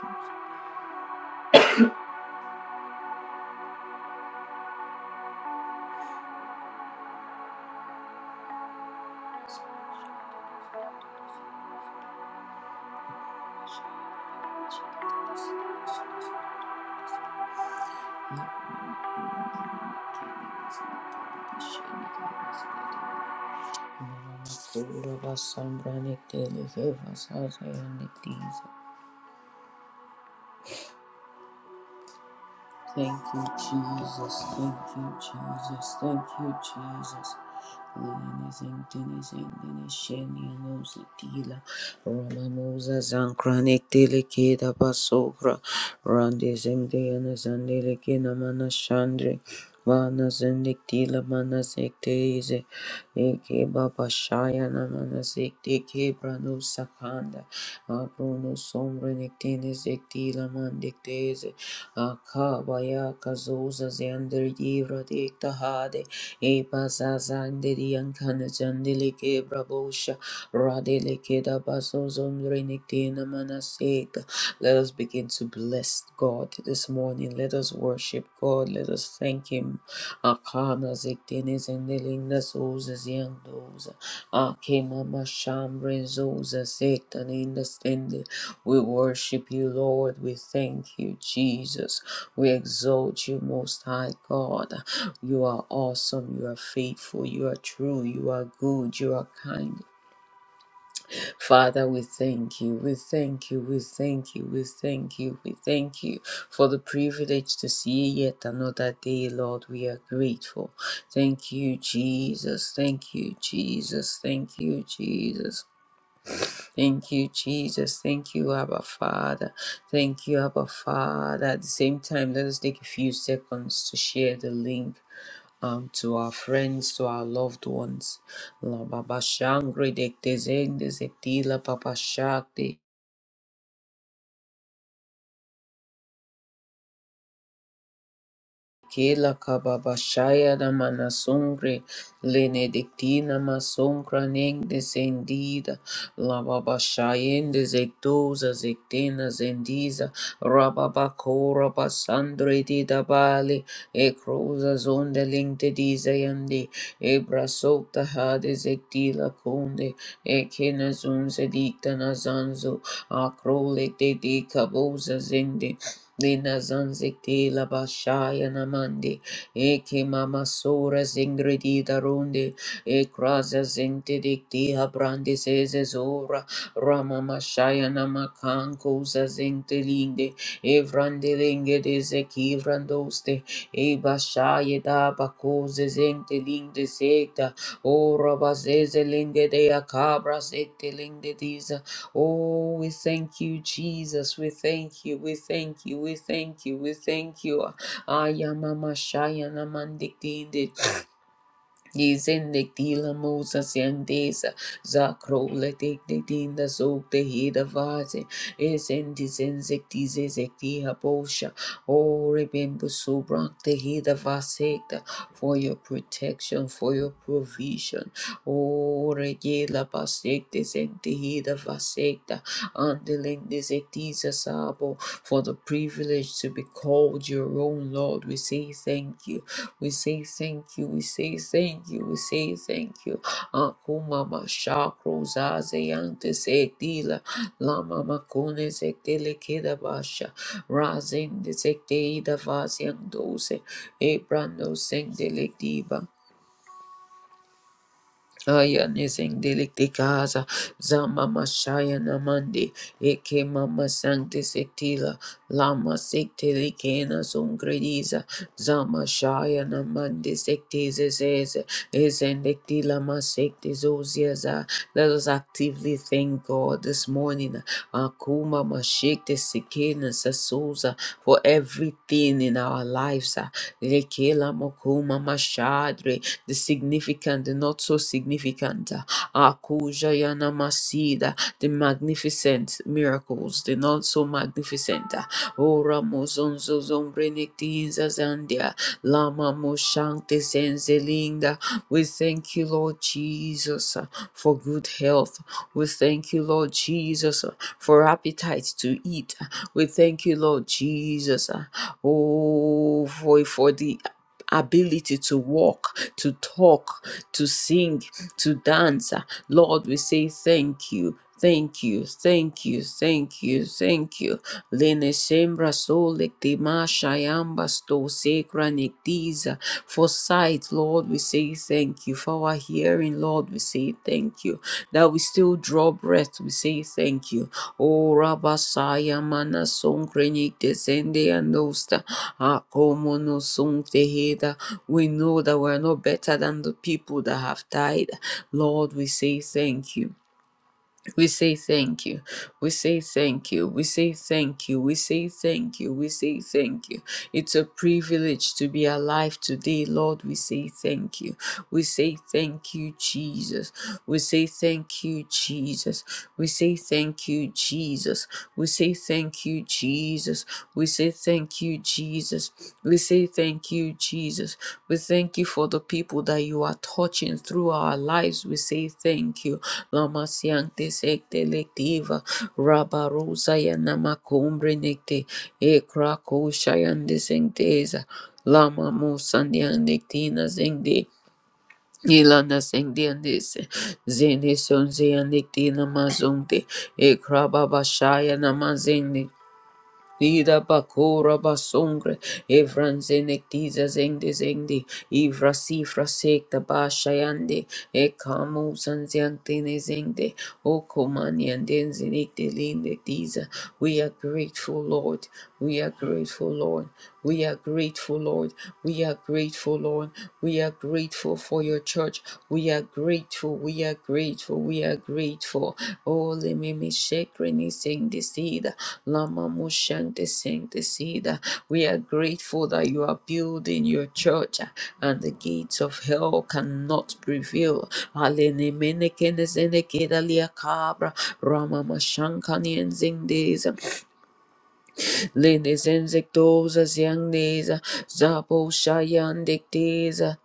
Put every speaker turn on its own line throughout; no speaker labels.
Thank you. Sura basambra nikte likhe vasaya niktiza. Thank you, Jesus. Thank you, Jesus. Thank you, Jesus. Lenizin, denizin, denizin, yanuza, dila, romanuza, zankranik, delikida, basovra, randizim, diyanizan, delikina, mana, shandri, mana, zindik, dila, mana, zikteize, eke, baba, shayana, mana, zikti, kebranu, sakanda, abrunu, somrenik, denizik, dila, mandikteize, Akabaya kazoza zendri divra dikta hade. Epa zazandiri ankana jandili kebra bosha. Radele keda baso zondri manaseka. Let us begin to bless God this morning. Let us worship God. Let us thank Him. Akana ziktini zendili nasoza Ake mama satan in the standing. We worship you, Lord. We thank you, Jesus. We exalt you, Most High God. You are awesome. You are faithful. You are true. You are good. You are kind. Father, we thank you, we thank you, we thank you, we thank you, we thank you for the privilege to see yet another day, Lord. We are grateful. Thank you, Jesus. Thank you, Jesus. Thank you, Jesus. Thank you, Jesus. Thank you, Abba Father. Thank you, Abba Father. At the same time, let us take a few seconds to share the link um, to our friends, to our loved ones. La Baba Shangri Dekte Zende Zetila Papa Shakti. Kila kababa shaya da manasungre lenedictina masongra neng descendida la baba shayende zektoza zektena zendiza rababakora kora basandre di da e cruza zonde lingte diza yandi e brasota hade zektila kunde e kena zunze dicta nazanzo a crole te di zendé. Lina zanziti la bashaya namandi, eke mama sora zingredi darunde, e kraza zinti dikti habrandi seze zora, rama mashaya namakanko za zinti linde, e vrandi linge de zeki e bashaya da bako ze zinti linde sekta, o raba de akabra sekti linde diza, Oh, we thank you, Jesus. We thank you. We thank you. We thank you. We thank you. Ayamamashayanamandiktindi. Yizende tila musa siandesa zakrole tekte tinda sokte hida vaze esenti zenzekti zezekti habosha o rebembo subrakte hida vasekta for your protection for your provision o regela basekte zenti hida vasekta andelende zekti sabo for the privilege to be called your own Lord we say thank you we say thank you. We say thank you. We say thank you. Akuma mashakro zazeyante sektila lama makune sektele keda basha razende sekte ida vasyandose ebrando sengdelektiba Ayanizing delicticaza, Zama Mashaya Namandi, Eke Mama Sanctisitila, Lama Sectilicena Sungrediza, Zama Shaya Namandi Sectisese, Esendictila Masectizoziaza. Let us actively thank God this morning, Akuma Mashikti Sikena Sasuza, for everything in our lives. Lekela Mokuma Mashadre, the significant, the not so significant, uh, Masida, the magnificent miracles, the not so magnificent, uh, Ora Mozonzo Zombrenictinza Zandia, Lama Moshante Senzelinda. We thank you, Lord Jesus, uh, for good health. We thank you, Lord Jesus, uh, for appetite to eat. We thank you, Lord Jesus, uh, oh, for, for the ability to walk, to talk, to sing, to dance. Lord, we say thank you. Thank you, thank you, thank you, thank you. Lene sembra sole te masha yamba sto secra nectiza. For sight, Lord, we say thank you. For our hearing, Lord, we say thank you. That we still draw breath, we say thank you. O Rabasaya mana son krenik desende andosta. Akomono son teheda. We know that we are no better than the people that have died. Lord, we say thank you. We say thank you. We say thank you. We say thank you. We say thank you. We say thank you. It's a privilege to be alive today, Lord. We say thank you. We say thank you, Jesus. We say thank you, Jesus. We say thank you, Jesus. We say thank you, Jesus. We say thank you, Jesus. We say thank you, Jesus. We thank you for the people that you are touching through our lives. We say thank you. Lama siante sekte lektiva. Rabba rosa yana makumbre nekte. Ekra kosha yande sengteza. Lama musandian nektina zengde. Ilana sendiandis, zini sonziandikti namazunti, ikrababashaya namazindi. Ida bakura basungre, evranzenektiza zengde zengde, ivrasi frasekta bashayande, ekamu sanziantene zengde, okomaniandenzinikte lindektiza. We are grateful, Lord. We are grateful, Lord. We are grateful, Lord. We are grateful, Lord. We are grateful for your church. We are grateful. We are grateful. We are grateful. Oh, let me me shake Renee sing the seed. Lama Mushante sing the seed. We are grateful that you are building your church and the gates of hell cannot prevail. Alene mene kene sene keda lia cabra. Rama mashankani and zingdes. Lene zenzektoza ziangneza, zabo shayandekteza.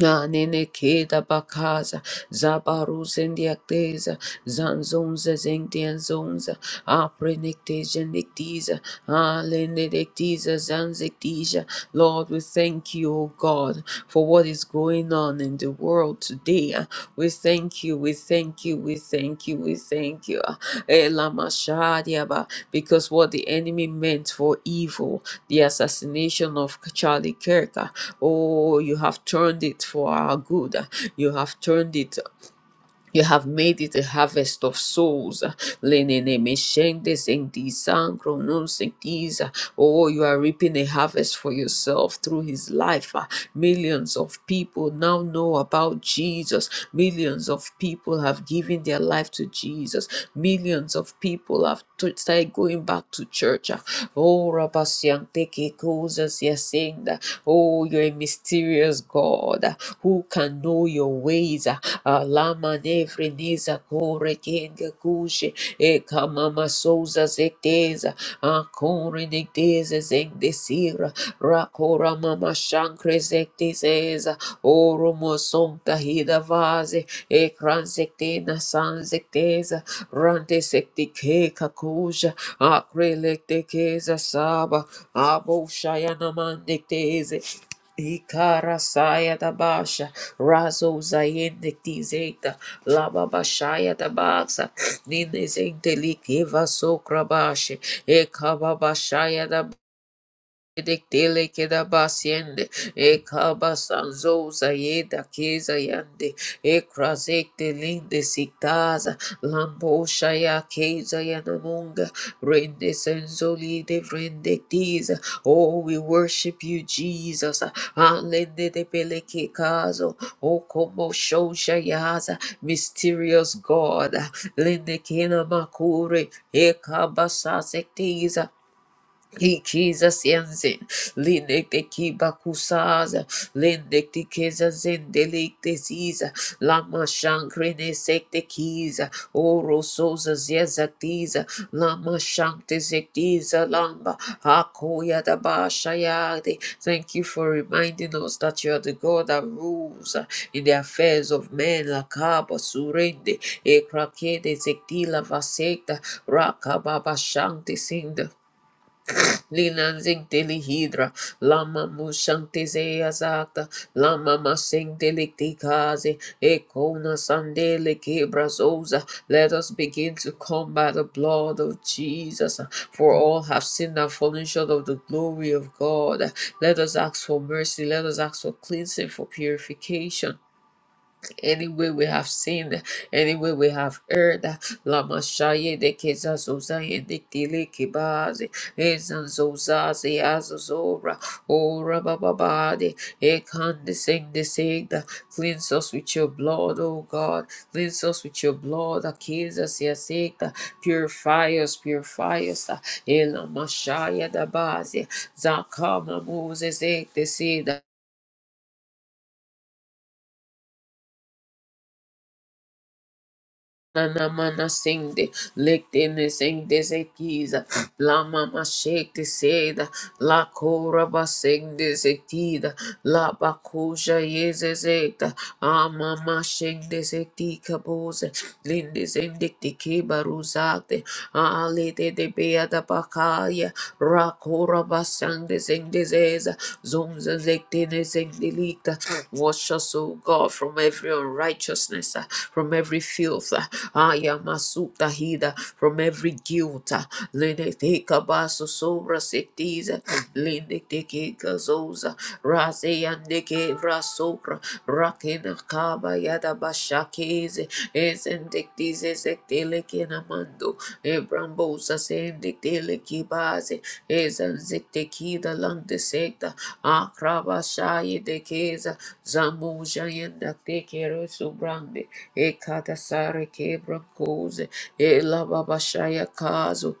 Anene keda bakaza, zabaru zendiakteza, zanzonza zengdianzonza, aprenecteja nectiza, alenedectiza zanzectija. Lord, we thank you, O God, for what is going on in the world world today. We thank you, we thank you, we thank you, we thank you. Elamashadiaba. Because what the enemy meant for evil, the assassination of Charlie Kirk, oh, you have turned it for our good. You have turned it you have made it a harvest of souls. Lenene meshende sendi sangro nun sendiza. Oh, you are reaping a harvest for yourself through his life. Ah, Millions of people now know about Jesus. Millions of people have given their life to Jesus. Millions of people have to- started going back to church. Ah, Oh, Rabasian teke kozas yasenda. Oh, you're a mysterious God. Ah, Who can know your ways? Alama nefreniza kore kenga kushe. E kamama souza zeteza. Akore nekteza zengdesira. Rakora mama shankre zektezeza. Oro mosonta hida vaze. E kran zektena san zekteza. Rante sektike kakuja. Akre lektekeza saba. Abo shayana mandekteze. Ikara saia da baixa, Razo Zayende Tizeta Lababashaya Dabaxa Ninezente Likiva Sokrabashi Ekababashaya Dele keda basiende e kaba sanzoza ye da keza yande e krazek de linde sitaza lambo shaya keza yanamunga rende senzoli de vrende tiza oh we worship you Jesus alende de pele ke kazo o komo shosha yaza mysterious God lende kena makure e kaba sasek tiza he Jesus yensin linekte kiba kusaza linekte keza zendelikte ziza lama shankrine sekte kiza oro soza zezaktiza lama shankte zektiza lamba hakoya da bashayade. Thank you for reminding us that you are the God that rules uh, in the affairs of men. Lakaba surende ekrakede zektila vasekta rakababa shankte singda. Linanzing Delihidra, Lama Mushantize Azakta, Lama Masing Delicticaze, Ekona Sandele Kebrazosa. Let us begin to come by the blood of Jesus, for all have sinned and fallen short of the glory of God. Let us ask for mercy, let us ask for cleansing, for purification any way we have sinned, any way we have erred. Lama shaye de keza zoza yende tele kebaze, ezan zoza ze azazora, ora bababade, ekan de sing de segda. Cleanse us with your blood, O God. Cleanse us with your blood, akeza se asekta. Purify us, purify us. Elama shaya da baze, zakama moses ek de seda. Nana mana sende, lekte ne sende sekiza, la mama shekte seda, la kora ba sende tida. la bakusha yeze zeta, a mama shake de se tika kabose, linde sende tike baruzate, a lete de bea da bakaya, Rabasande Zendezeza, Zunza Zektene Zendelita. Wash us, O God, from every unrighteousness, uh, from every filth, uh, Ayamasuta Hida, from every guilt. uh, Lene Teka Baso Sobra Sektiza, Lene Teke Gazoza, Raze Yandeke Vrasopra, Rakena Baba Yada Bashakiz is indictis is ectilikinamando Ebrambosa sendictilikibaze is anzictikida landesecta Akrabashai de Keza Zamuja indactikero subrande Ekatasare kebrankose Elababashaya kazo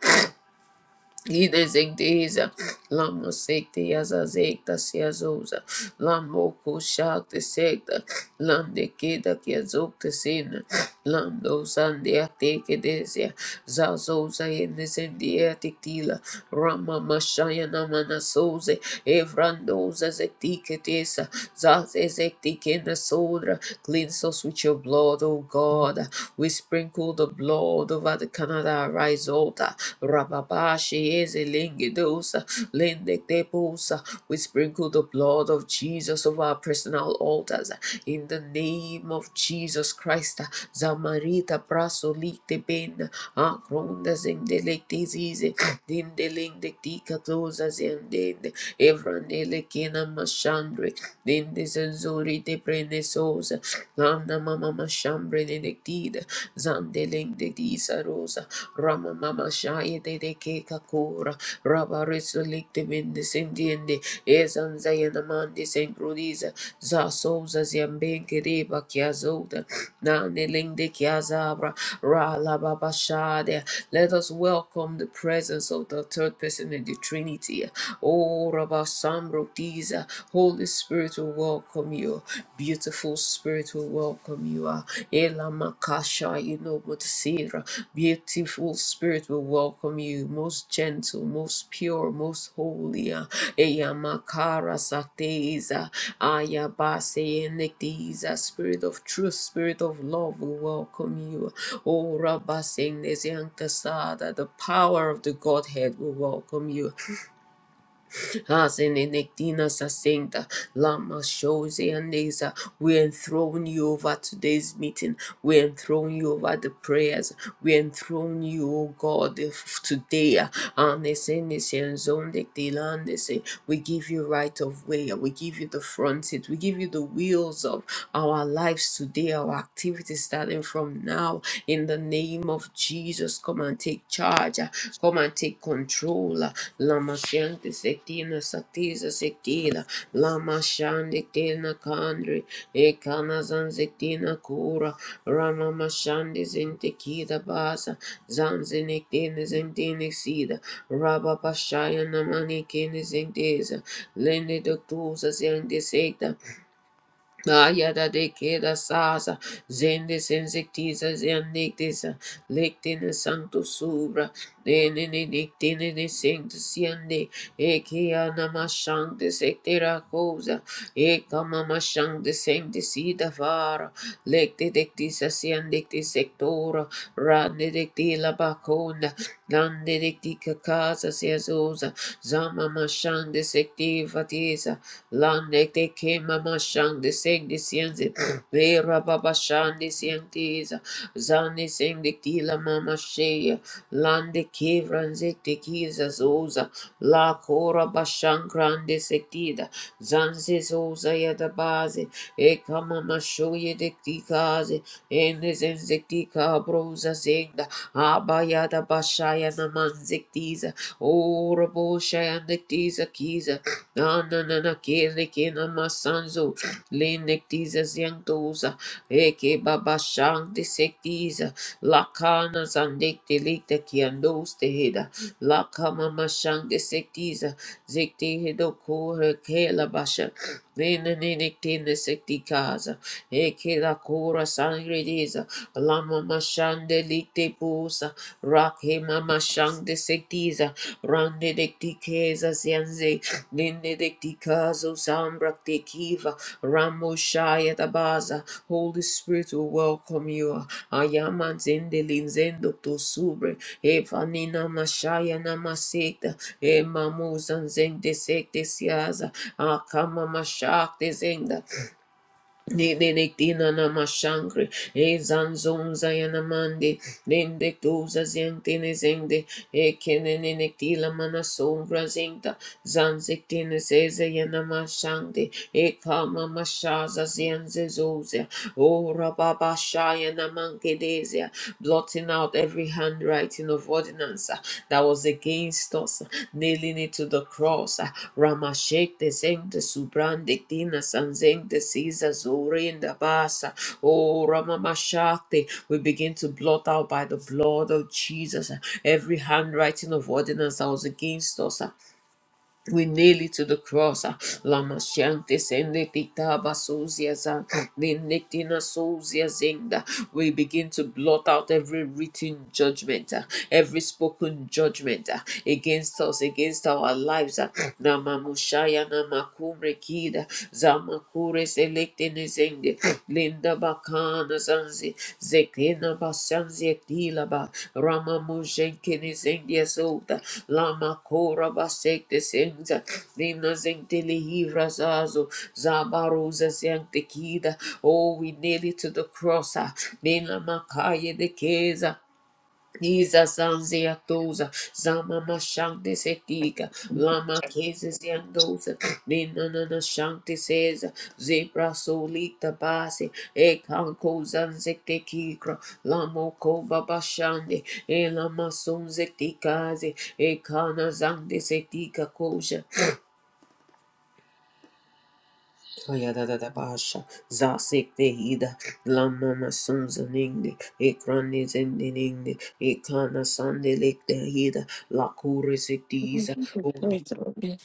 Ida zigdiza, lama sikti yaza zikta siazuza, lamo kushakti sikta, lam dikida kiazukta sina, lam dosandia tikidizia, zazuza inizindia tiktila, rama mashaya namana suze, evrandoza ziktikitisa, zaze ziktikina sudra, cleanse us with your blood, O God, we sprinkle the blood over the Canada Rizota, Rababa she is a lingidosa, linde teposa. We sprinkle the blood of Jesus over our personal altars in the name of Jesus Christ. Zamarita praso lite ben, akronda zendelekte zize, dindelengdektika toza zendende, evranelekena mashandre, dindezenzori te prenesosa, namna mama mashambre nenektida, disa rosa. Rama Mama Shaya de de Ke Kakura, Rabba Risulik de Mindis Indiende, Ezan Zayanamandis and Grudiza, Zasoza Ziambenke de Bakiazoda, Naneling de Kiazabra, Ra La Baba Shade. Let us welcome the presence of the third person in the Trinity. Oh, Rabba Sambrotiza, Holy Spirit will welcome you. Beautiful Spirit, we welcome you. Ah, Ela Makasha, you know, Mutsira. Beautiful Spirit, will welcome you. Most gentle, most pure, most holy. Ah, Eya Makara Sateza. Ayabase Enektiza. Spirit of truth, Spirit of love, will welcome you. Oh, Rabasing Neziantasada, the power of the Godhead, will welcome you. Hazenenekdina sasenda lama shoze andeza. We enthrone you over today's meeting. We enthrone you over the prayers. We enthrone you, O God, f- today. Anesenese enzondekdelandese. We give you right of way. We give you the front seat. We give you the wheels of our lives today, our activities starting from now. In the name name of Jesus, come and take charge. uh, Come and take control. uh, Lama Shanti Sekina Satisa Sekila. Lama Shanti Kina Kandri. Ekana Zanzekina Kura. Rama Mashandi Zintekida Basa. Zanzinikina Zintini Sida. Rabba Pashaya Namani Kini Zintesa. Lende Doctusa Zinteseta. Ayada de queda sasa, zende sensitiza zeandictis, lictine santo subra, dene nictine de sancta siende, equia namashang de sectera cosa, eca mamashang de sancticida vara, lecti dictisa siendicti sectora, rande dictila bacona, dande dictica casa seasosa, zama mashang de sectiva tesa, Lan de te ke mama shang de sing de sienze. Ve rababa shang de sienteza. Zan de sing de tila mama shea. Lan de ke vranze te kiza zoza. La kora bashang grande sektida. Zan se zoza ya da baze. E mama shoye de kaze. Ende zenzekti kabroza zengda. Abaya da bashaya naman zektiza. Ora boshaya nektiza kiza. Ananana kere kena masanzo. Lenektiza ziandoza. Eke baba shante sektiza. Lakana zandekte lekte kiandoste heda. Lakama mashante sektiza. Zekte hedo kore kela basha. Venenenektene sekti kaza. Eke la kora sangrediza. Lama mashante likte pusa. Rakhe mama shante sektiza. Rande dekti keza zianze. Ninde de Tikazo Sambrakte Kiva Ramoshaya Tabaza. Holy Spirit will welcome you. Ayaman Zende Linzendo to Subre. Evanina Mashaya Namaseta. Emamuzan Zende Sekte Siaza. Akama Mashakte Zenda. Nidilektina namashangri, ezanzon zayanamandi, lindektuza zentine zende, ekeneneniktila manasongra zenta, zanziktine zeze ekama mashaza zienzezozia, ora baba shaya blotting out every handwriting of ordinance uh, that was against us, uh, nailing it to the cross, uh, Ramashek de Zeng de Subran de Dina Sanzeng de Siza Zori in the Basa. Oh Ramamashakti, we begin to blot out by the blood of Jesus every handwriting of ordinance that was against us. We nail it to the cross. ah. Lama Shanti Senditita Basuziaza Ninetina Sozia Zinda. We begin to blot out every written judgment, ah, every spoken judgment ah, against us, against our lives. ah. Nama Mushaya Namakumre Kida Zamakure zende linda bakana zanzi zekena basanzi etila ba rama mujenkini zendi azulta lama kora basekte senza lina zentili hivra zazo zabaruza zente kida oh we nail it to the cross ah. lina makaya de keza Iza zanzia doza, zama mashante setika, lama kese ziandosa, ninana shante seza, zebra solita base, e kanko zanzekte kikra, lamo kova bashande, e lama sonzekte kaze, e kana zante setika Toyadadadabasha, Zasikdehida, Lamama Sunzaning, Ekrani Zendining, Ekana Sandelikdehida, Lakurisikdiza,
Pray through me.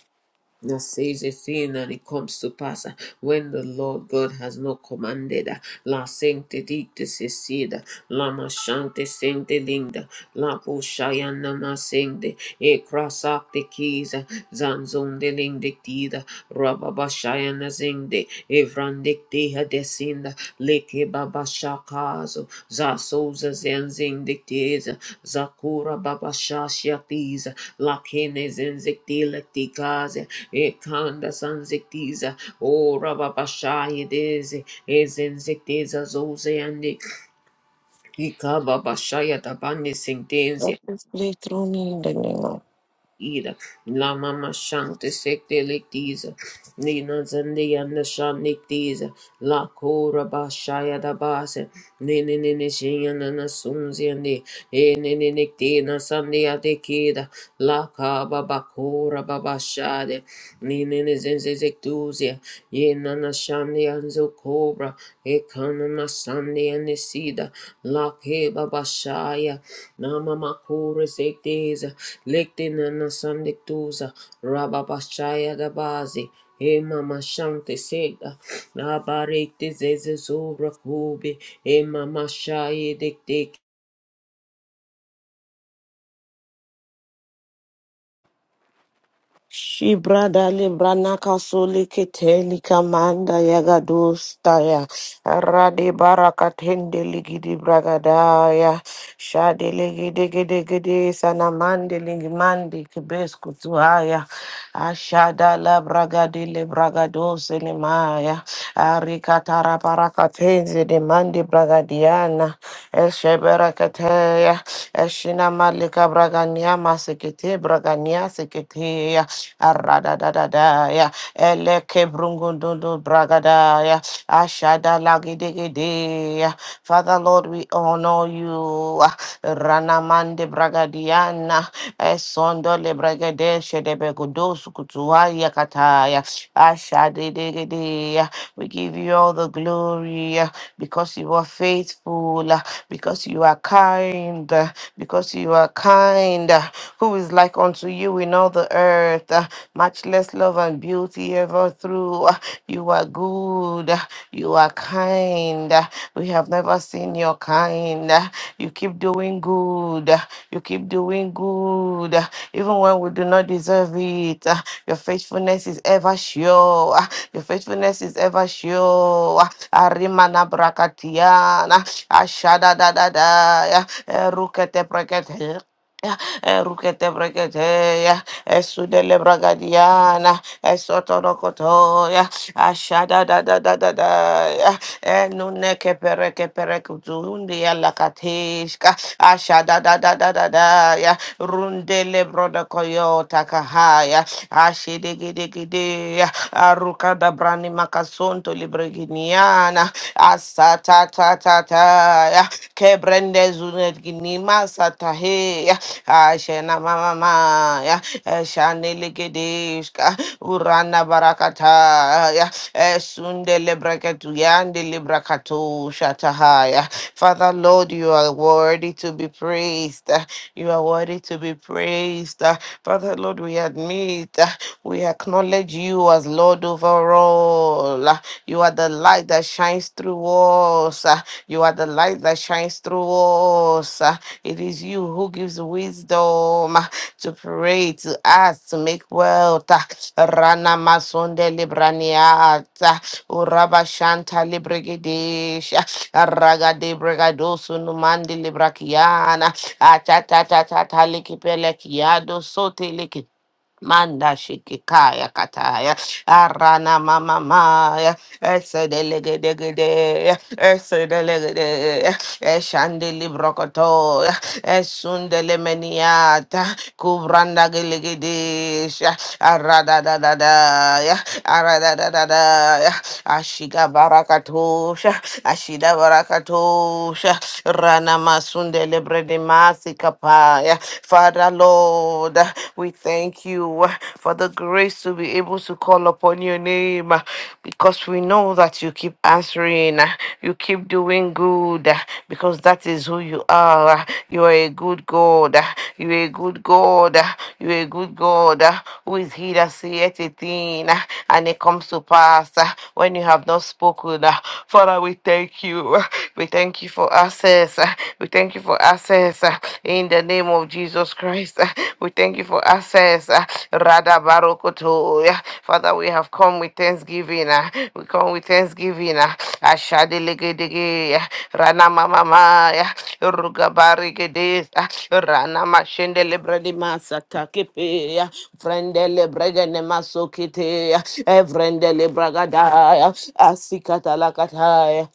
that says a thing and it comes to pass uh, when the Lord God has not commanded. uh, La sancte dicta secida, la machante sancte linda, la poshayana masende, e crasacte kisa, zanzonde lingdictida, rababashayana zinde, evrandictia desinda, Leke Baba Shakazo, Zasoza Zenzindictiza, Zakura Baba Shashiatiza, Lakene Zenzilecticaze, Ekanda Sanzictiza, Ora Baba Shayadeze, Ezenzictiza Zozeandic, Ikaba Bashaya Tabani Sintenzia.
Lord, please through me in the name of
Ida, la mama shante sekte lektiza, nina zandi anda shan lektiza, La Kura Bashaya da Base, Nini Nini Shiana Nasunziani, Enini Nictina Sandia de Kida, La Kaba Bakura Babashade, Nini nizinzi ziktuzia. Ye na Yenana Shandi and Zukobra, na Sandi and Nisida, La Keba Bashaya, Nama Makura sektiza. Liktina na sandi tuza rababa shaya da Bazi. E mama shante seda, abarete zeze zora kobe, e mama shaye dekte
Shibrada libranaka solikite likamanda yagadustaya radi barakatende ligidi bragadaya shadi ligidi gidi gidi sanamande ligimandi kibesku tuhaya ashada la bragadi le bragadose limaya arikatara barakatenze de mandi bragadiana esheberakateya eshina malika bragania sekete bragania sekete arada da da da Aradadadadaya. Eleke brungundu bragada bragadaya. Ashada lagidigideya. Father Lord, we honor you. Ranamande bragadiana. Esondo lebregede shedebe gudo sukutuwa yakataya. Ashadidegede. We give you all the glory uh, because you are faithful, uh, because you are kind, uh, because you are kind. uh, Who is like unto you in all the earth? uh, Much less love and beauty ever through. uh, You are good good. You are kind. We have never seen your kind. You keep doing good. You keep doing good. Even when we do not deserve it, your faithfulness is ever sure. Your faithfulness is ever sure. Arimana brakatiana. Ashada da da da. Rukete Rukete breketeya, esudele bragadiana, esotorokotoya, ashada da da da da da ya, enuneke pereke perekutundia lakatishka, ashada da da da da da ya, rundele brodokoyota kahaya, ashidigidi ya, aruka da brani Zonto Libreginiana, Asata Tata, Kebrende Zunet Ginima Satahe, Ashena Mama, Shanelegedeshka, Urana barakata, Sunde Lebreketuyan de Librakatu Shatahaya. Father Lord, you are worthy to be praised. You are worthy to be praised. Uh, Father, Lord, we admit, uh, we acknowledge you as Lord over all. Uh, You are the light that shines through us. Uh, You are the light that shines through us. Uh, It is you who gives wisdom uh, to pray, to ask, to make wealth. Uh, Rana Masonde Libraniata, Uraba Shanta Libregedesha, Ragade Bregadosu Numandi Librakiana. Atatatata likipeleki yado sote liki. Manda shikikaya kataya. Arana mama maya. Ese delege degede, ese delegede, eshandeli brokoto, esundele meniata, kubranda gelegedesh, arada da da da arada da, Esedelegedegede, esedelegede, eshandelibrokoto, esundelemeniata, kubrandagelegedesha, aradadadada, aradadadada, ashigabarakatosha, ashidabarakatosha, ranamasundelebredemasikapaya. Father Lord, we thank you uh, for the grace to be able to call upon your name uh, because we know that you keep answering, uh, you keep doing good uh, because that is who you are. uh, You are a good God, uh, you are a good God, uh, you are a good God uh, who is he that saith a thing uh, and it comes to pass uh, when you have not spoken. uh, Father, we thank you. uh, We thank you for access. uh, We thank you for access. uh, in the name of Jesus Christ. uh, We thank you for access. uh, Rada Barokoto. uh, Father, we have come with thanksgiving. ah. We come with thanksgiving. ah. Ashadelegedege, ah. Rana Mama Maya. Rugabarigede. ah. Rana Mashendele Bredimasa Takipe. ah. Vrendele Bregene Masokite. ah. Evrendele Bragadaya. Asikatalakataya.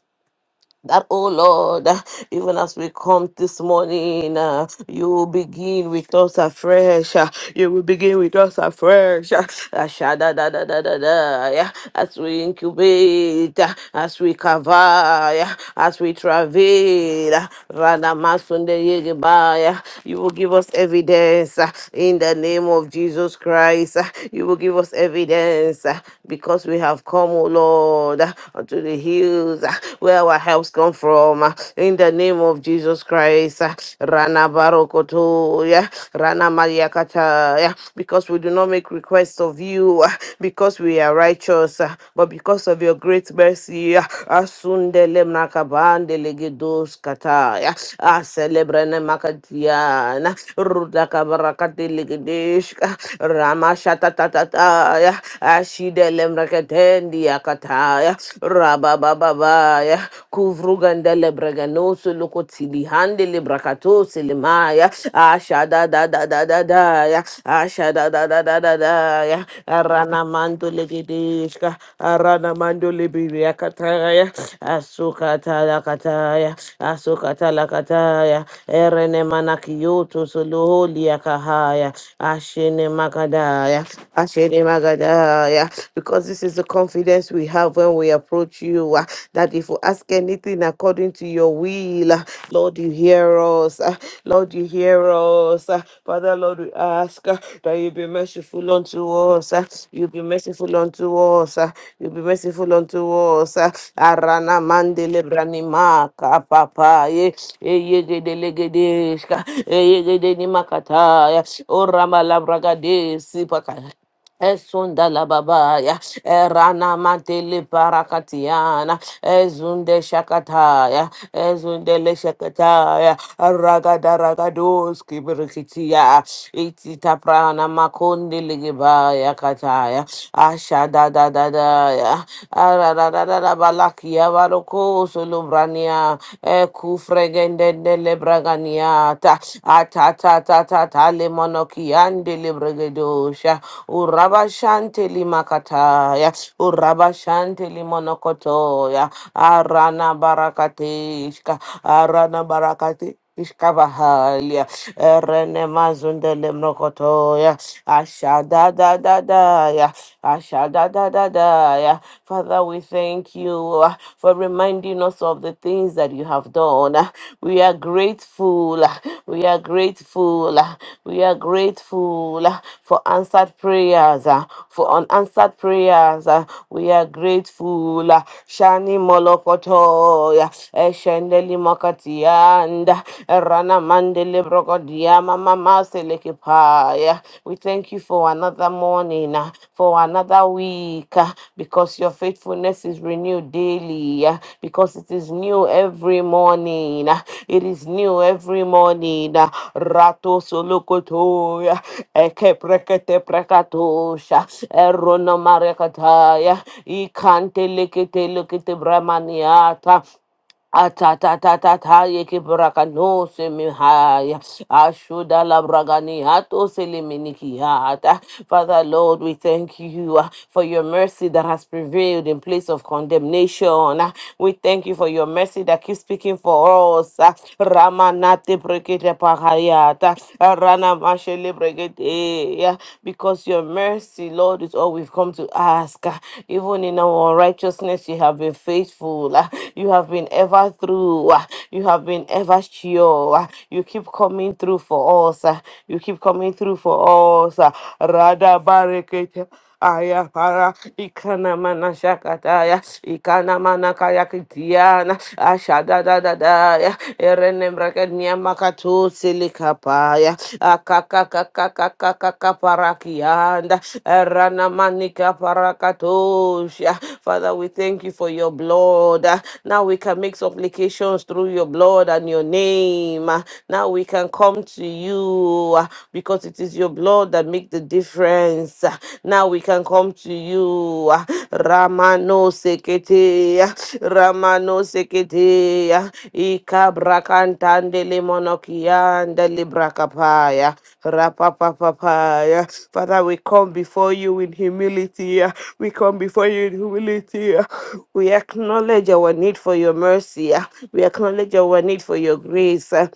that, oh Lord, uh, even as we come this morning, uh, you will begin with us afresh. uh, you will begin with us afresh. uh, ashada da da da da da, yeah, as we incubate, uh, as we cover, yeah, as we travail, uh, Radamasunde Yegeba, yeah, you will give us evidence uh, in the name of Jesus Christ. uh, you will give us evidence uh, because we have come, oh Lord, uh, unto the hills ah, where our helps come from. ah, In the name of Jesus Christ, ah, Rana Barokoto, yeah, Rana Mariakata, yeah, because we do not make requests of you, ah, because we are righteous, ah, but because of your great mercy, ah, Asundele Mrakabande Legedos Kata, yeah, Aselebrene Makatiana, Rudakabarakate Legedesh, Rama Shatatatata, yeah, Ashidele kataya rababababaya kuvruganda lebraganoso lokotilihande lebrakatose lemaya ashadadadadadadaya ashadadadadadadaya aranamanto legedeshka aranamando lebiriakataya asukatalakataya asukatalakataya erenemanakiyoto soloholiakahaya ashene makadaya ashene magadaya Messiah, because this is the confidence we have when we approach you uh, that if we ask anything according to your will, uh, Lord, you hear us. uh, Lord, you hear us. uh, Father, Lord, we ask uh, that you be merciful unto us. uh, You be merciful unto us. uh, You be merciful unto us. uh, Arana mandele branimaka papa ye eyegede legedeshka eyegede nimakataya orama labragadesi Esunda la babaya, erana mantele parakatiana, ezunde shakataya, ezunde le shakataya, ragada ragadoski berkitia, itita prana makundi ligibaya kataya, asha da da da da ya, arararara balakia varoko sulubrania, ekufregende braganiata atatatata le monokiande le bregedosha urabashante li makataya urabashante li monokotoya arana barakatishka arana barakati Ishkavahalia, Erene Mazundele Mrokotoya, Ashada da da da ya Asha da da da da. yeah. Father, we thank you uh, for reminding us of the things that you have done. Uh, We are grateful. uh, We are grateful. uh, We are grateful uh, for answered prayers. uh, For unanswered prayers, uh, we are grateful. uh, Shani molokoto. yeah, Eshendeli mokatianda. eRana mandele Ramamamaselekepaya. We thank you for another morning, uh, for another week, uh, because your faithfulness is renewed daily, uh, because it is new every morning. uh, It is new every morning. uh, Rato solokotoya, eke prekete prekatosha, erono marekataya, ikante lekete lekete bramaniata. Atatatata yeke braka no se mihaya. Ashuda la bragani ato se le minikiata. Father Lord, we thank you uh, for your mercy that has prevailed in place of condemnation. Uh, We thank you for your mercy that keeps speaking for us. Uh, Ramanate brekete pakayata. Rana mashele brekete. Because your Mercy, Lord, is all we've come to ask. Ah, Even in our unrighteousness, you have been faithful. Ah, You have been ever through. Ah, You have been ever sure. Ah, You keep coming through for us. Ah, You keep coming through for us. Ah, Rada Barekete. Aya para ikana mana shakataya ikana mana kayakitiana ashada da da da ya erene mreket nyama katu silikapaya akaka kaka kaka kaka parakianda erana manika parakatosha Father we thank you for your blood now we can make supplications through your blood and your name now we can come to you because because it is your blood that makes the difference. Ah, Now we can come to you. Ah, Ramano sekete, ah, Ramano sekete, ah, Ikabrakantandele monokiandele brakapaya, Rapapapapaya. Father, we come before you in humility. ah, We come before you in humility. ah. We acknowledge our need for your mercy. ah. We acknowledge our need for your grace. Ah,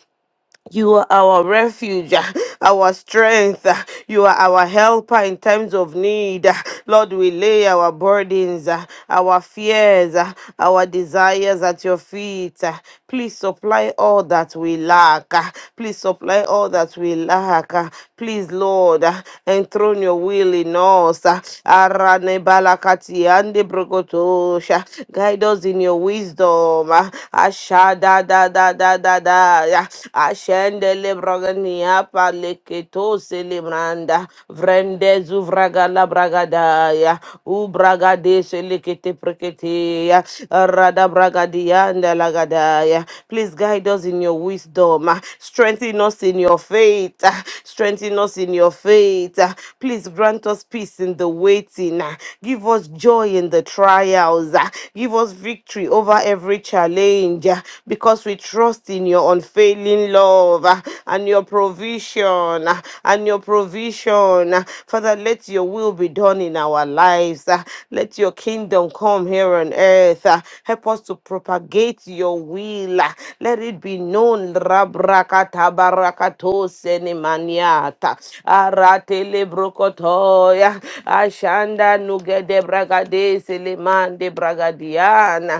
you are our refuge, ah, our strength. ah, You are our helper in times of need. ah. Lord, we lay our burdens, ah, our fears, ah, our desires at your feet. ah. Please supply all that we lack. ah. Please supply all that we lack. ah. Please, Lord, ah, enthrone your will in us. ah. Arane balakati ande brokotosha. Guide us in your wisdom ma ashada da da da da da ya ashende lebragani apa leketo selebranda vrende zuvraga la bragada ya ubraga de selekete prekete ya rada bragadia and lagada ya please guide us in your wisdom ah. strengthen us in your faith ah. strengthen us in your faith ah. please grant us peace in the waiting ah. give us joy in the trials. Ah, Give us victory over every challenge ah, because we trust in your unfailing love ah, and your provision ah, and your provision. ah. Father, let your will be done in our lives. ah. Let your kingdom come here on earth. ah. Help us to propagate your will. ah. Let it be known. Rabrakatabarakatose nemaniata brokotoya ashanda nuge de bragade seleman de bragadiana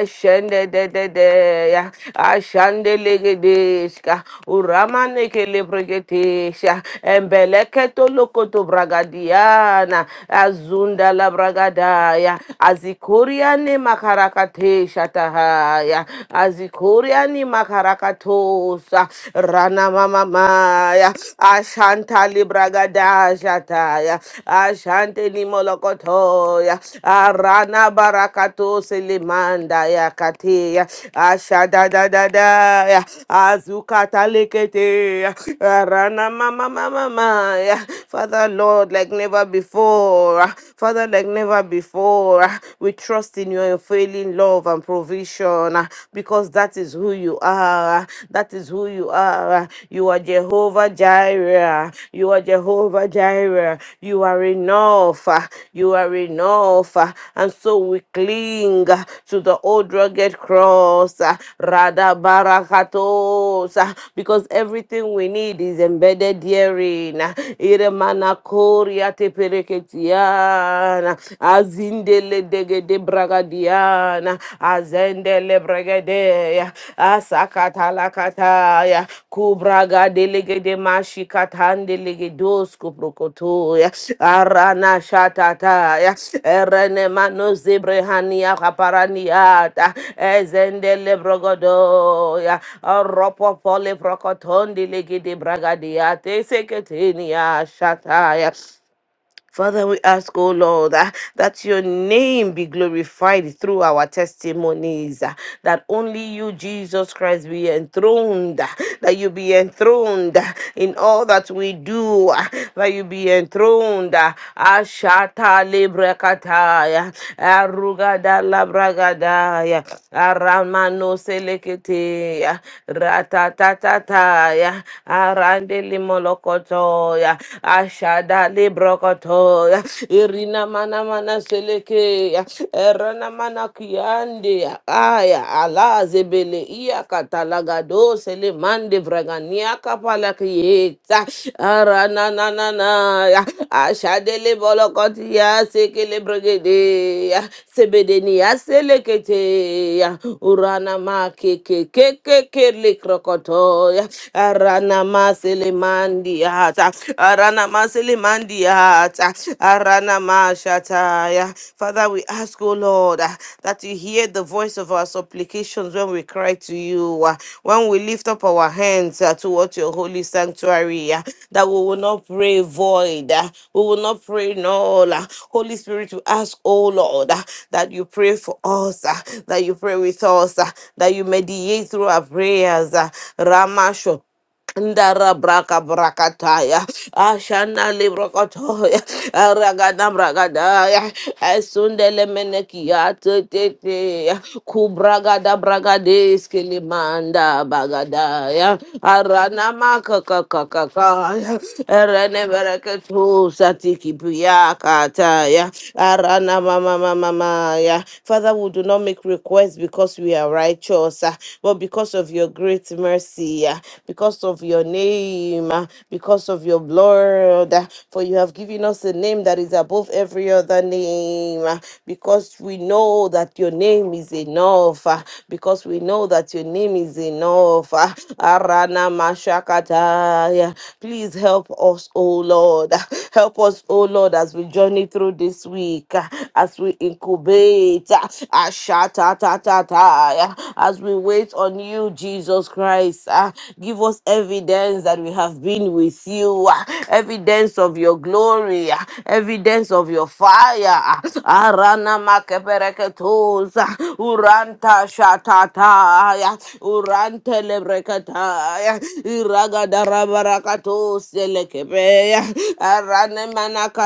eshende de de de ya ashande legedeshka uramane kele bregetesha embeleketo lokoto bragadiana azunda la bragadaya azikoriane makarakatesha tahaya azikoriani makarakatosa rana na Mama mamamaya. Ashanta libragada jataya. Ashante nimolokotoya. Arana barakato selimanda ya katia. Ashada da da da ya. Azukata lekete ya, Arana mama mama maya. Father Lord, like never before. Father, like never before. We trust in your unfailing love and provision because that is who you are. That is who you are. You are Jehovah Jireh. You are Jehovah Jireh. You are enough. You are enough. And so we cling to the old rugged cross. Rada barakatos. Because everything we need is embedded herein. Iremana koria tepereketiana. Azindele zendegede bragadiana azendele bregadeya asakatalakataya kubragadelegede mashikatandelegedosku prokotoya arana shatataya erene manozebrehania kaparaniata ezendele brogodoya oropopole prokotondelegede bragadiate seketenia shataya Father, we ask, oh Lord, ah, that your name be glorified through our testimonies, ah, that only you, Jesus Christ, be enthroned, ah, that you be enthroned ah, in all that we do, ah, that you be enthroned. ah. Ashata lebrakataya, arugada labragadaya, aramano seleketeya, ratatatataya, arande limolokotoya, ashada le brokoto irina mana mana seleke erana mana kiande aya ala zebele iya katalagado sele mande vragania kapala kieta arana na na na ashade lebolokoti ya sekele brigede sebedeni ya selekete ya urana ma keke keke kele krokoto ya arana ma sele mandi hata arana masili mandi hata arana mashataya. Father, we ask, O Lord, uh, that you hear the voice of our supplications when we cry to you, uh, when we lift up our hands uh, towards your holy sanctuary, uh, that we will not pray void, uh, we will not pray null. uh. Holy Spirit, we ask, O Lord, uh, that you pray for us, uh, that you pray with us, uh, that you mediate through our prayers. uh, Ramasho. Ndara braka brakataya, ashana librokotoya, aragada bragadaya, esundele menekia tete, kubragada bragades kilimanda bagadaya, arana makakakakakaya, erene bereketu satiki piyakataya, arana mama mama maya. Father, we do not make requests because we are righteous, uh, but because of your great mercy mercy, uh, because of your name, uh, because of your blood. uh, For you have given us a name that is above every other name, uh, because we know that your name is enough, uh, because we know that your name is enough. uh, Arana Mashakataya. Please help us, O Lord. uh, Help us, O Lord, as we journey through this week, uh, as we incubate, uh, Ashatatataya, as we wait on you, Jesus. Jesus Christ. Ah, give us evidence that we have been with you, Ah, evidence of your glory, Ah, evidence of your fire. Ah, Arana makepereketos, Ah, uranta shatataya, urante lebrekataya, iragadarabarakatos elekebeya, arane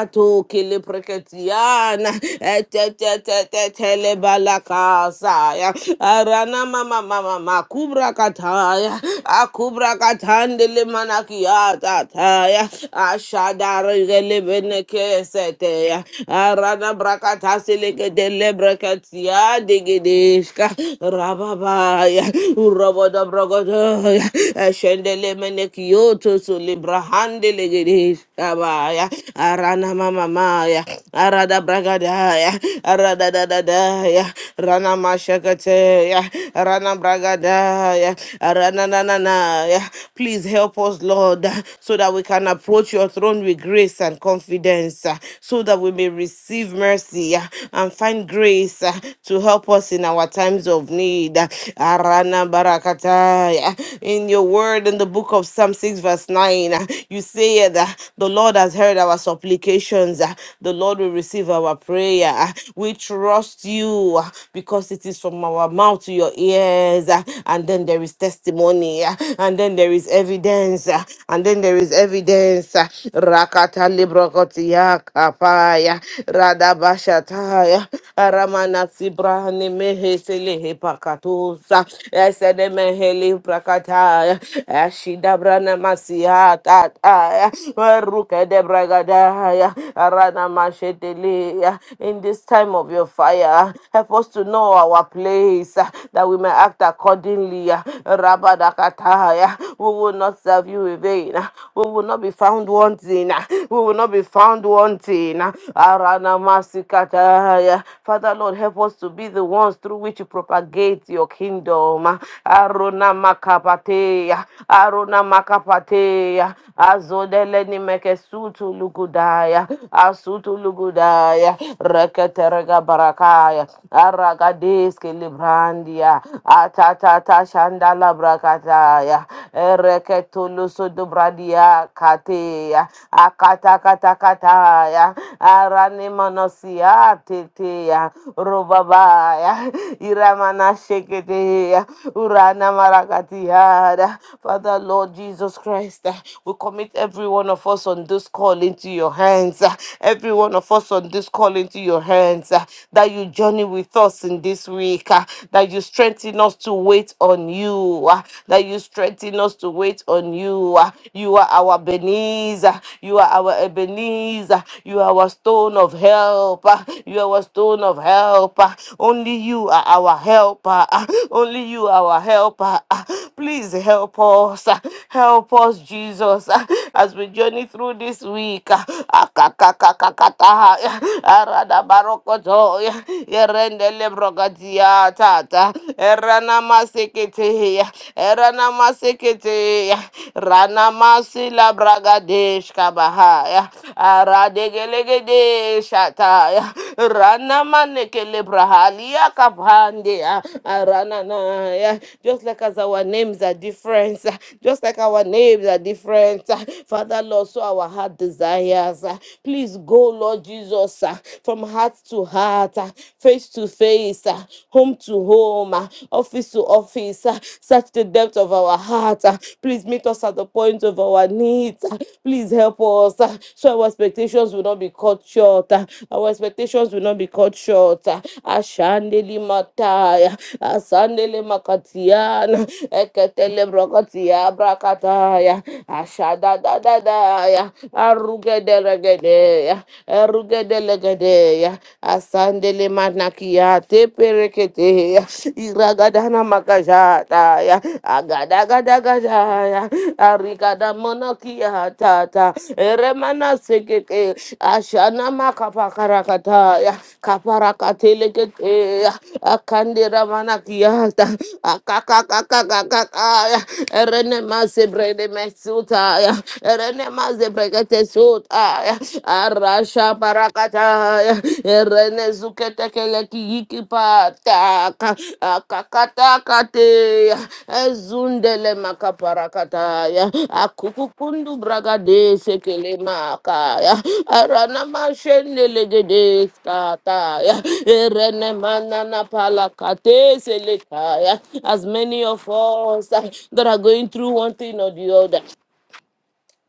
manakato kilipreketiana, etetetetetelebalakasaya, arana mama makubra kataya akubra katandele manakiata taya ashadare gele beneke seteya arana brakata seleke dele brakatia digidishka rababaya uroboda brogodoya ashendele menekioto sulibrahandele gidishka baya arana mama maya arada bragadaya arada dadadaya rana mashakate ya Rana Bragada ya Rana na na Ranananaya. Please help us, Lord, so that we can approach your throne with grace and confidence, uh, so that we may receive mercy uh, and find grace uh, to help us in our times of need. Uh, Arana Aranabarakataya. In your word in the book of Psalm 6, verse 9, uh, you say that the Lord has heard our supplications, uh, the Lord will receive our prayer. Uh, We trust you uh, because because it is from our mouth to your ears, ah, and then there is testimony, ah, and then there is evidence, ah, and then there is evidence. ah. Rakata librokotia kapaya, radabashataya, aramanasi brahani meheselehe pakatosa, esedemeheli prakataya, ashidabrana masiata, ah, bragadaya, arana masheteleya. in this time of your fire ah. Help us to know our place ah, that we may act accordingly. ah. Rabadakata, ah. We will not serve you in vain. ah. We will not be found wanting. ah. We will not be found wanting. ah. Aranamasikata, ah. Father Lord, help us to be the ones through which you propagate your kingdom. ah. Arona makapatea, arona makapatea, azodele ni mekesutu lugudaya, asutu lugudaya, Rekete terega barakaya aragadeske librandia atatata shandala brakataya ereketulusu dubradia kateya akatakatakataya aranimanosia teteya rubabaya iramanasheketeya uranamaragatiada father lord jesus christ we commit every one of us on this call into your hands every one of us on this this call into your hands, uh, that you journey with us in this week, uh, that you strengthen us to wait on you, uh, that you strengthen us to wait on you. uh, You are our Ebenezer, you are our Ebenezer, you are our stone of help, uh, you are our stone of help. uh, Only you are our helper, uh, only you are our helper. uh, Please help us, uh, help us, Jesus, uh, as we journey through this week. uh, kataha arada barokoto yerende lebrokatia tata erana masekete erana masekete rana masila bragadesh kabaha aradegelegede shata rana manekele brahalia kapande arana na just like as our names are different just like our names are different father lord so our heart desires us. uh, Please go, Lord Jesus, uh, from heart to heart, uh, face to face, uh, home to home, uh, office to office. uh, Search the depth of our heart. uh, Please meet us at the point of our needs. uh, Please help us uh, so our expectations will not be cut short. uh, Our expectations will not be cut short. uh, Ashandeli Mataya, Asandeli Makatiana, Eketele Brokatia, Brakataya, Ashada da da da ya arugedelegedeya, erugedelegedeya, asandele manakia te pereketeya, iragadana makajata, agada gada agadagadagajaya, arigada monakia tata, eremana sekete, ashana makapakarakataya, kaparakateleketeya, akandera manakiata, akakakakakakaya, erene masebrede mesutaya, Renemaze brekete sota. Arasha barakata. Renezukete keleki ikipata. Akakata kate. Ezundele makaparakata. Akukukundu bragade sekele makaya. Arana mashendele gede kata. Renemana na palakate selekaya. As many of us that are going through one thing or the other.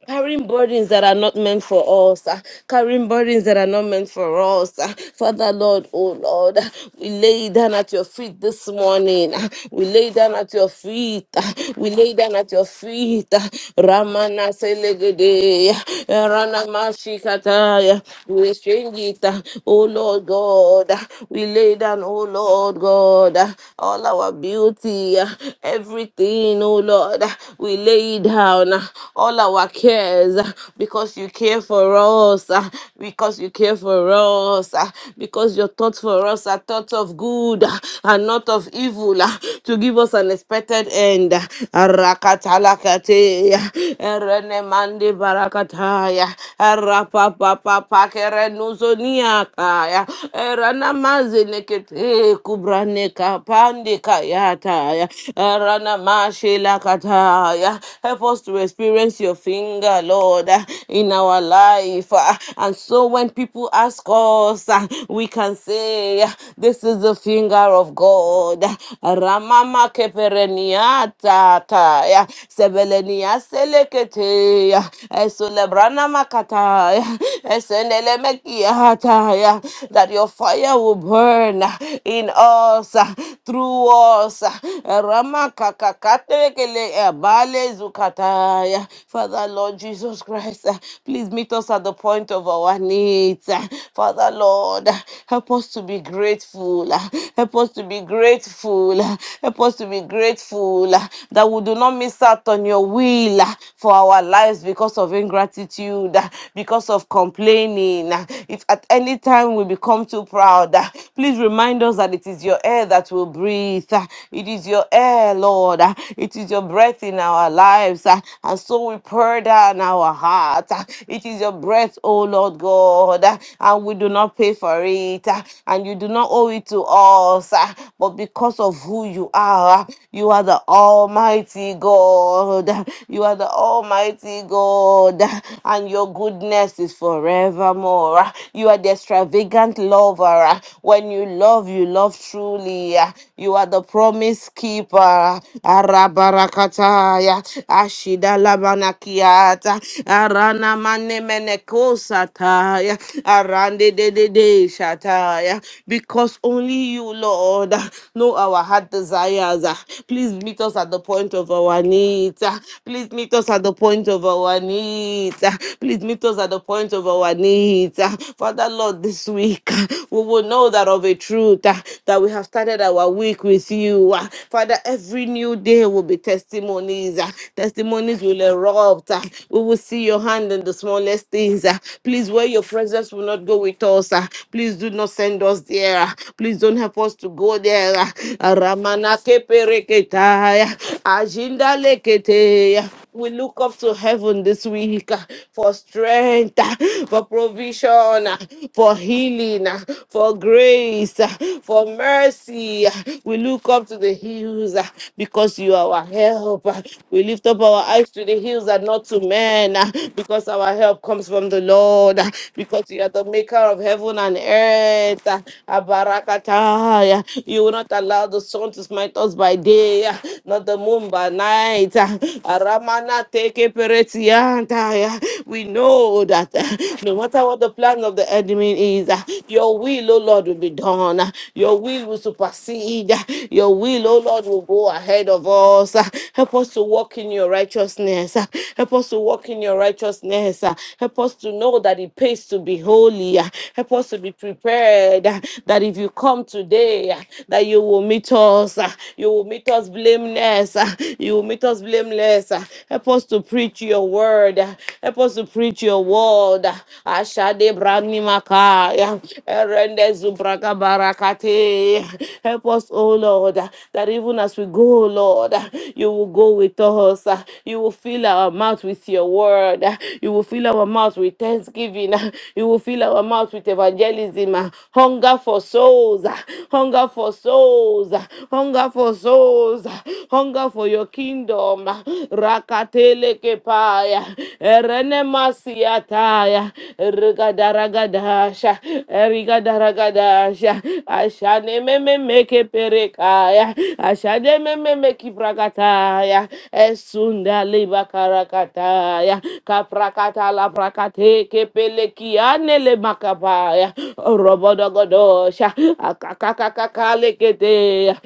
Carrying burdens that are not meant for us, uh, carrying burdens that are not meant for us. uh. Father, Lord, oh Lord, uh, we lay down at your feet this morning. uh, We lay down at your feet. uh, We lay down at your feet. uh. Ramana Selegede, uh, Rana Mashikataya. We exchange it, uh, oh Lord God. uh, We lay down, oh Lord God, uh, all our beauty, uh, everything, oh Lord. uh, We lay lay down uh, all our cares uh, because you care for us, uh, because you care for us, uh, because your thoughts for us are thoughts of good uh, and not of evil uh, to give us an expected end. uh, Arakatalakate, uh, Erenemande barakataya, Arapapapapakerenuzoniakaya, Eranamazenekete kubraneka pandekayataya, Mashelakataya. Help us to experience your finger, Lord, uh, in our life. uh, And so when people ask us, uh, we can say, uh, This is the finger of God. Ramama kepereniata taya. Sebelenia seleketeya. Esulebrana makataya. Esenelemekiataya. That your fire will burn in us, uh, through us us. Ramaka kakatelekele abale Zukataya. Father, Lord Jesus Christ, uh, please meet us at the point of our needs. uh, Father, Lord, uh, help us to be grateful. uh, Help us to be grateful. uh, Help us to be grateful uh, that we do not miss out on your will uh, for our lives because of ingratitude, uh, because of complaining. uh, If at any time we become too proud, uh, please remind us that it is it is your air that will breathe. Ah, It is your air, Lord. Ah, It is your breath in our lives. Ah, And so we pour down our heart. Ah, It is your breath, O Lord God. Ah, And we do not pay for it. Ah, And you do not owe it to us. Ah, But because of who you are, ah, you are the Almighty God. Ah, You are the Almighty God. Ah, And your goodness is forevermore. Ah, You are the extravagant lover are. When you love, you love truly. You are the promise keeper. Arabarakataya. Ashida labanakiata. Arana mane menekosataya. Arande de de de shataya. Because only you, Lord, know our heart desires. Please meet us at the point of our needs. Please meet us at the point of our needs. Please meet us at the point of our needs. Father, Lord, this week uh, we will know that of a truth that, that we have started our week with you. Ah, Father, every new day will be testimonies. ah. Testimonies will erupt. ah. We will see your hand in the smallest things. ah. Please, where your presence will not go with us, ah, please do not send us there. ah. Please don't help us to go there. ah. Ramana kepereketaya, ajindalekete. yeah. We look up to heaven this week uh, for strength, uh, for provision, uh, for healing, uh, for grace, uh, for mercy. uh. We look up to the hills uh, because you are our help. uh. We lift up our eyes to the hills and not to men uh, because our help comes from the Lord, uh, because you are the maker of heaven and earth. uh. Abarakataya. You will not allow the sun to smite us by day, uh, not the moon by night. uh. Anta, Ramana teke peretianta. Yeah. We know that uh, no matter what the plan of the enemy is, uh, your will, oh Lord, will be done. Uh, Your will will supersede. Uh, Your will, oh Lord, will go ahead of us. Uh, Help us to walk in your righteousness. Uh, Help us to walk in your righteousness. Uh, Help us to know that it pays to be holy. Uh, Help us to be prepared uh, that if you come today, uh, that you will meet us. uh, You will meet us blameless. uh. You will make us blameless. Help us to preach your word. Help us to preach your word. Ashade brani makaya. Erende zubraka barakate. Help us, oh Lord, that even as we go, Lord, you will go with us. You will fill our mouth with your word. You will fill our mouth with thanksgiving. You will fill our mouth with evangelism. Hunger for souls. Hunger for souls. Hunger for souls us hunger for your kingdom. Rakatele kepaya, erene masiataya, rigadarakadasha, erigadarakadasha, ashane meme meke perekaya, ashane meme meki prakataya, esunda liba karakataya, kaprakata la prakate kepelekiane le makapaya, robodogodosha, akakakakale kete,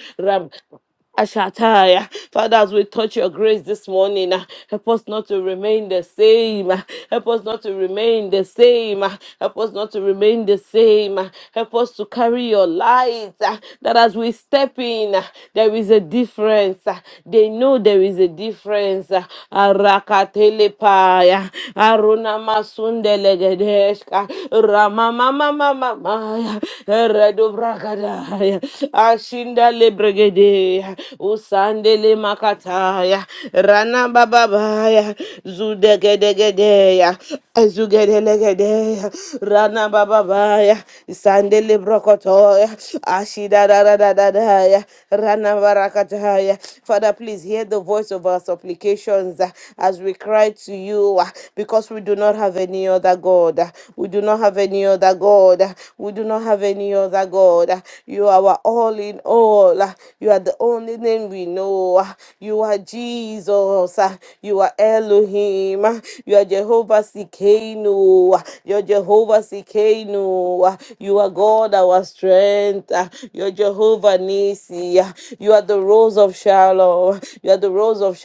Ashataya. Father, as we touch your grace this morning, uh, help us not to remain the same. uh, Help us not to remain the same. uh, Help us not to remain the same. uh, Help us to carry your light. uh, That as we step in, uh, there is a difference. uh, They know there is a difference. uh, Arakatelepaya, Aruna masundelegedesh. Ramama mama Ramamamamamamaya. Redo bragadaya. Ashinda le bregede. Usande le makataya. Rana bababaya. Zudegedegedeya. Azugedelegedeya. Rana bababaya. Sande le brokotoya. Ashida da da da da daya. Rana barakataya. Father, please hear the voice of our supplications uh, as we cry to you uh, because we do not have have any other God. We do not have any other God. We do not have any other God. You are our all in all. You are the only name we know. You are Jesus. You are Elohim. You are Jehovah Sikenu. You are Jehovah Sikenu. You are God, our strength. You are Jehovah Nisi. You are the rose of Shalom. You are the rose of of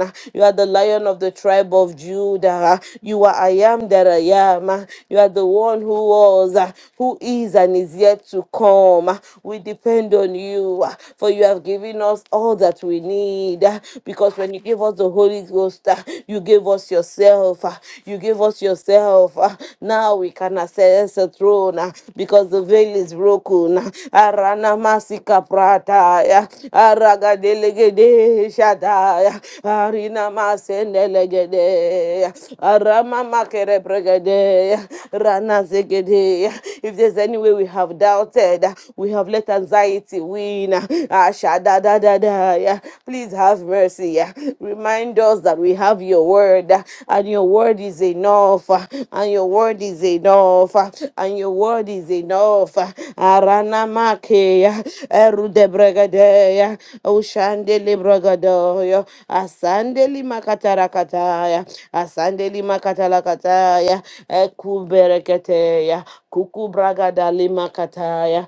Sharon. You are the lion of the tribe of Judah. You are I am that I am. You are the one who was, who is, and is yet to come. We depend on you, for you have given us all that we need. Because when you gave us the Holy Ghost, you gave us yourself. You gave us yourself. Now we can access the throne because the veil is broken. Arana Masika Prataya, Aragadelegede Shataya, Arina Masenelegede, Arama Makere Pregede, Rana Zegede. If there's any way we have doubted, we have let anxiety win. Ashadadadadaya. Please have mercy. Remind us that we have your word, and your word is enough, and your word is enough enough, uh, and your word is enough. uh, Arana makeya, erude bregadeya, ushandeli bregadoya, asandeli makatarakataya, asandeli makatalakataya, ekubereketeya, kukubragadali makataya,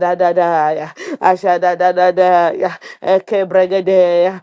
da da ashadadadadaya, Eke ekebregadeya,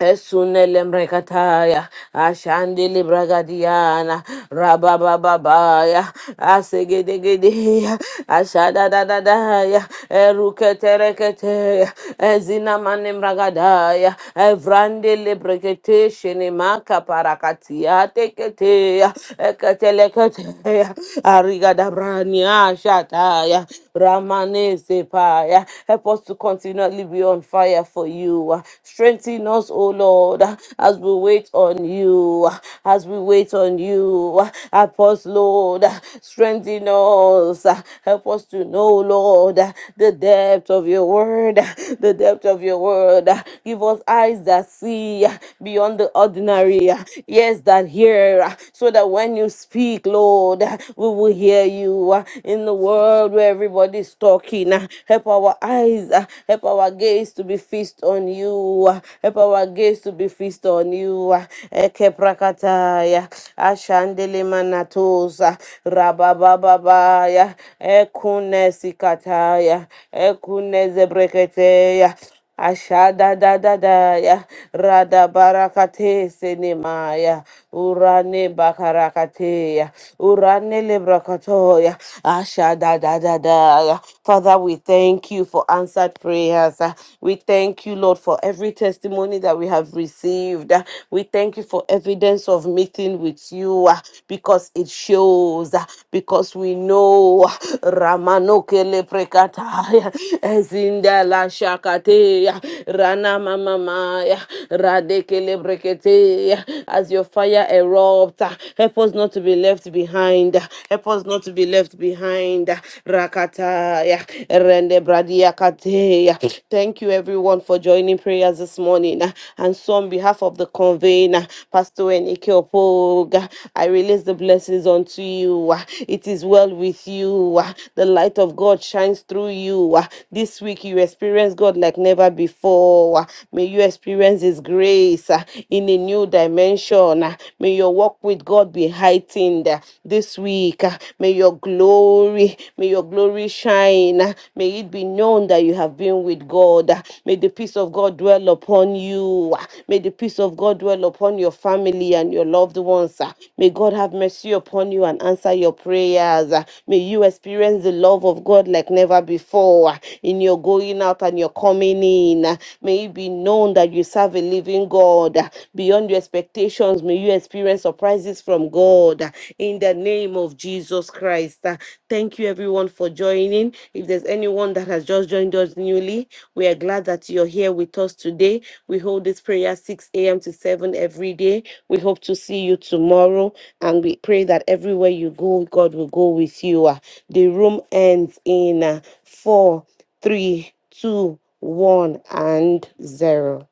Esunele mrekataya, ashandili bragadiana, rababababaya, asegedegedeya, ashadadadadaya, eruketereketeya, ezinamane mragadaya, evrandele brekete shenimaka parakatia teketeya, eketeleketeya, arigadabrania shataya, ramane sepaya. Help us to continually really be on fire for you. Strengthen us, O Lord, as we wait on you, as we wait on you. Help us, Lord, strengthen us. Help us to know, Lord, the depth of your word, the depth of your word. Give us eyes that see beyond the ordinary, ears that hear, so that when you speak, Lord, we will hear you in the world where everybody's talking. ah. Help our eyes, ah, help our gaze to be fixed on you. ah. Help our gaze to be fixed on you. ah. Ekeprakataya, ashandelemanatosa, rababababaya, ekunesikataya, ekunezebreketeya. Ashada da da da ya rada barakate senema ya, urane bakarakate ya urane lebrakato ya ashada da da da ya Father we thank you for answered prayers uh, we thank you Lord for every testimony that we have received uh, we thank you for evidence of meeting with you uh, because it shows uh, because we know uh, Ramano kele prekata ya ezinda la shaka. Rakateya, Rana Mamamaya, Radekele Brekete. as your fire erupts. ah, Help us not to be left behind. ah, Help us not to be left behind. ah, Rakataya, Rende Bradiakateya. Thank you everyone for joining prayers this morning. ah, And so on behalf of the convener, Pastor Enike Opoga, I release the blessings unto you. ah. It is well with you. ah. The light of God shines through you. ah. This week you experience experience God like never before. Ah, May you experience His grace uh, in a new dimension. Ah, May your walk with God be heightened uh, this week. Ah, May your glory, may your glory shine. Ah, May it be known that you have been with God. Ah, May the peace of God dwell upon you. Ah, May the peace of God dwell upon your family and your loved ones. Ah, May God have mercy upon you and answer your prayers. Ah, May you experience the love of God like never before Ah, in your going out and you're coming in. May it be known that you serve a living God. Beyond your expectations, may you experience surprises from God in the name of Jesus Christ. Thank you, everyone, for joining. If there's anyone that has just joined us newly, we are glad that you're here with us today. We hold this prayer 6 a.m. to 7 every day. We hope to see you tomorrow, and we pray that everywhere you go, God will go with you. Uh, The room ends in uh, four three, two, one, and zero.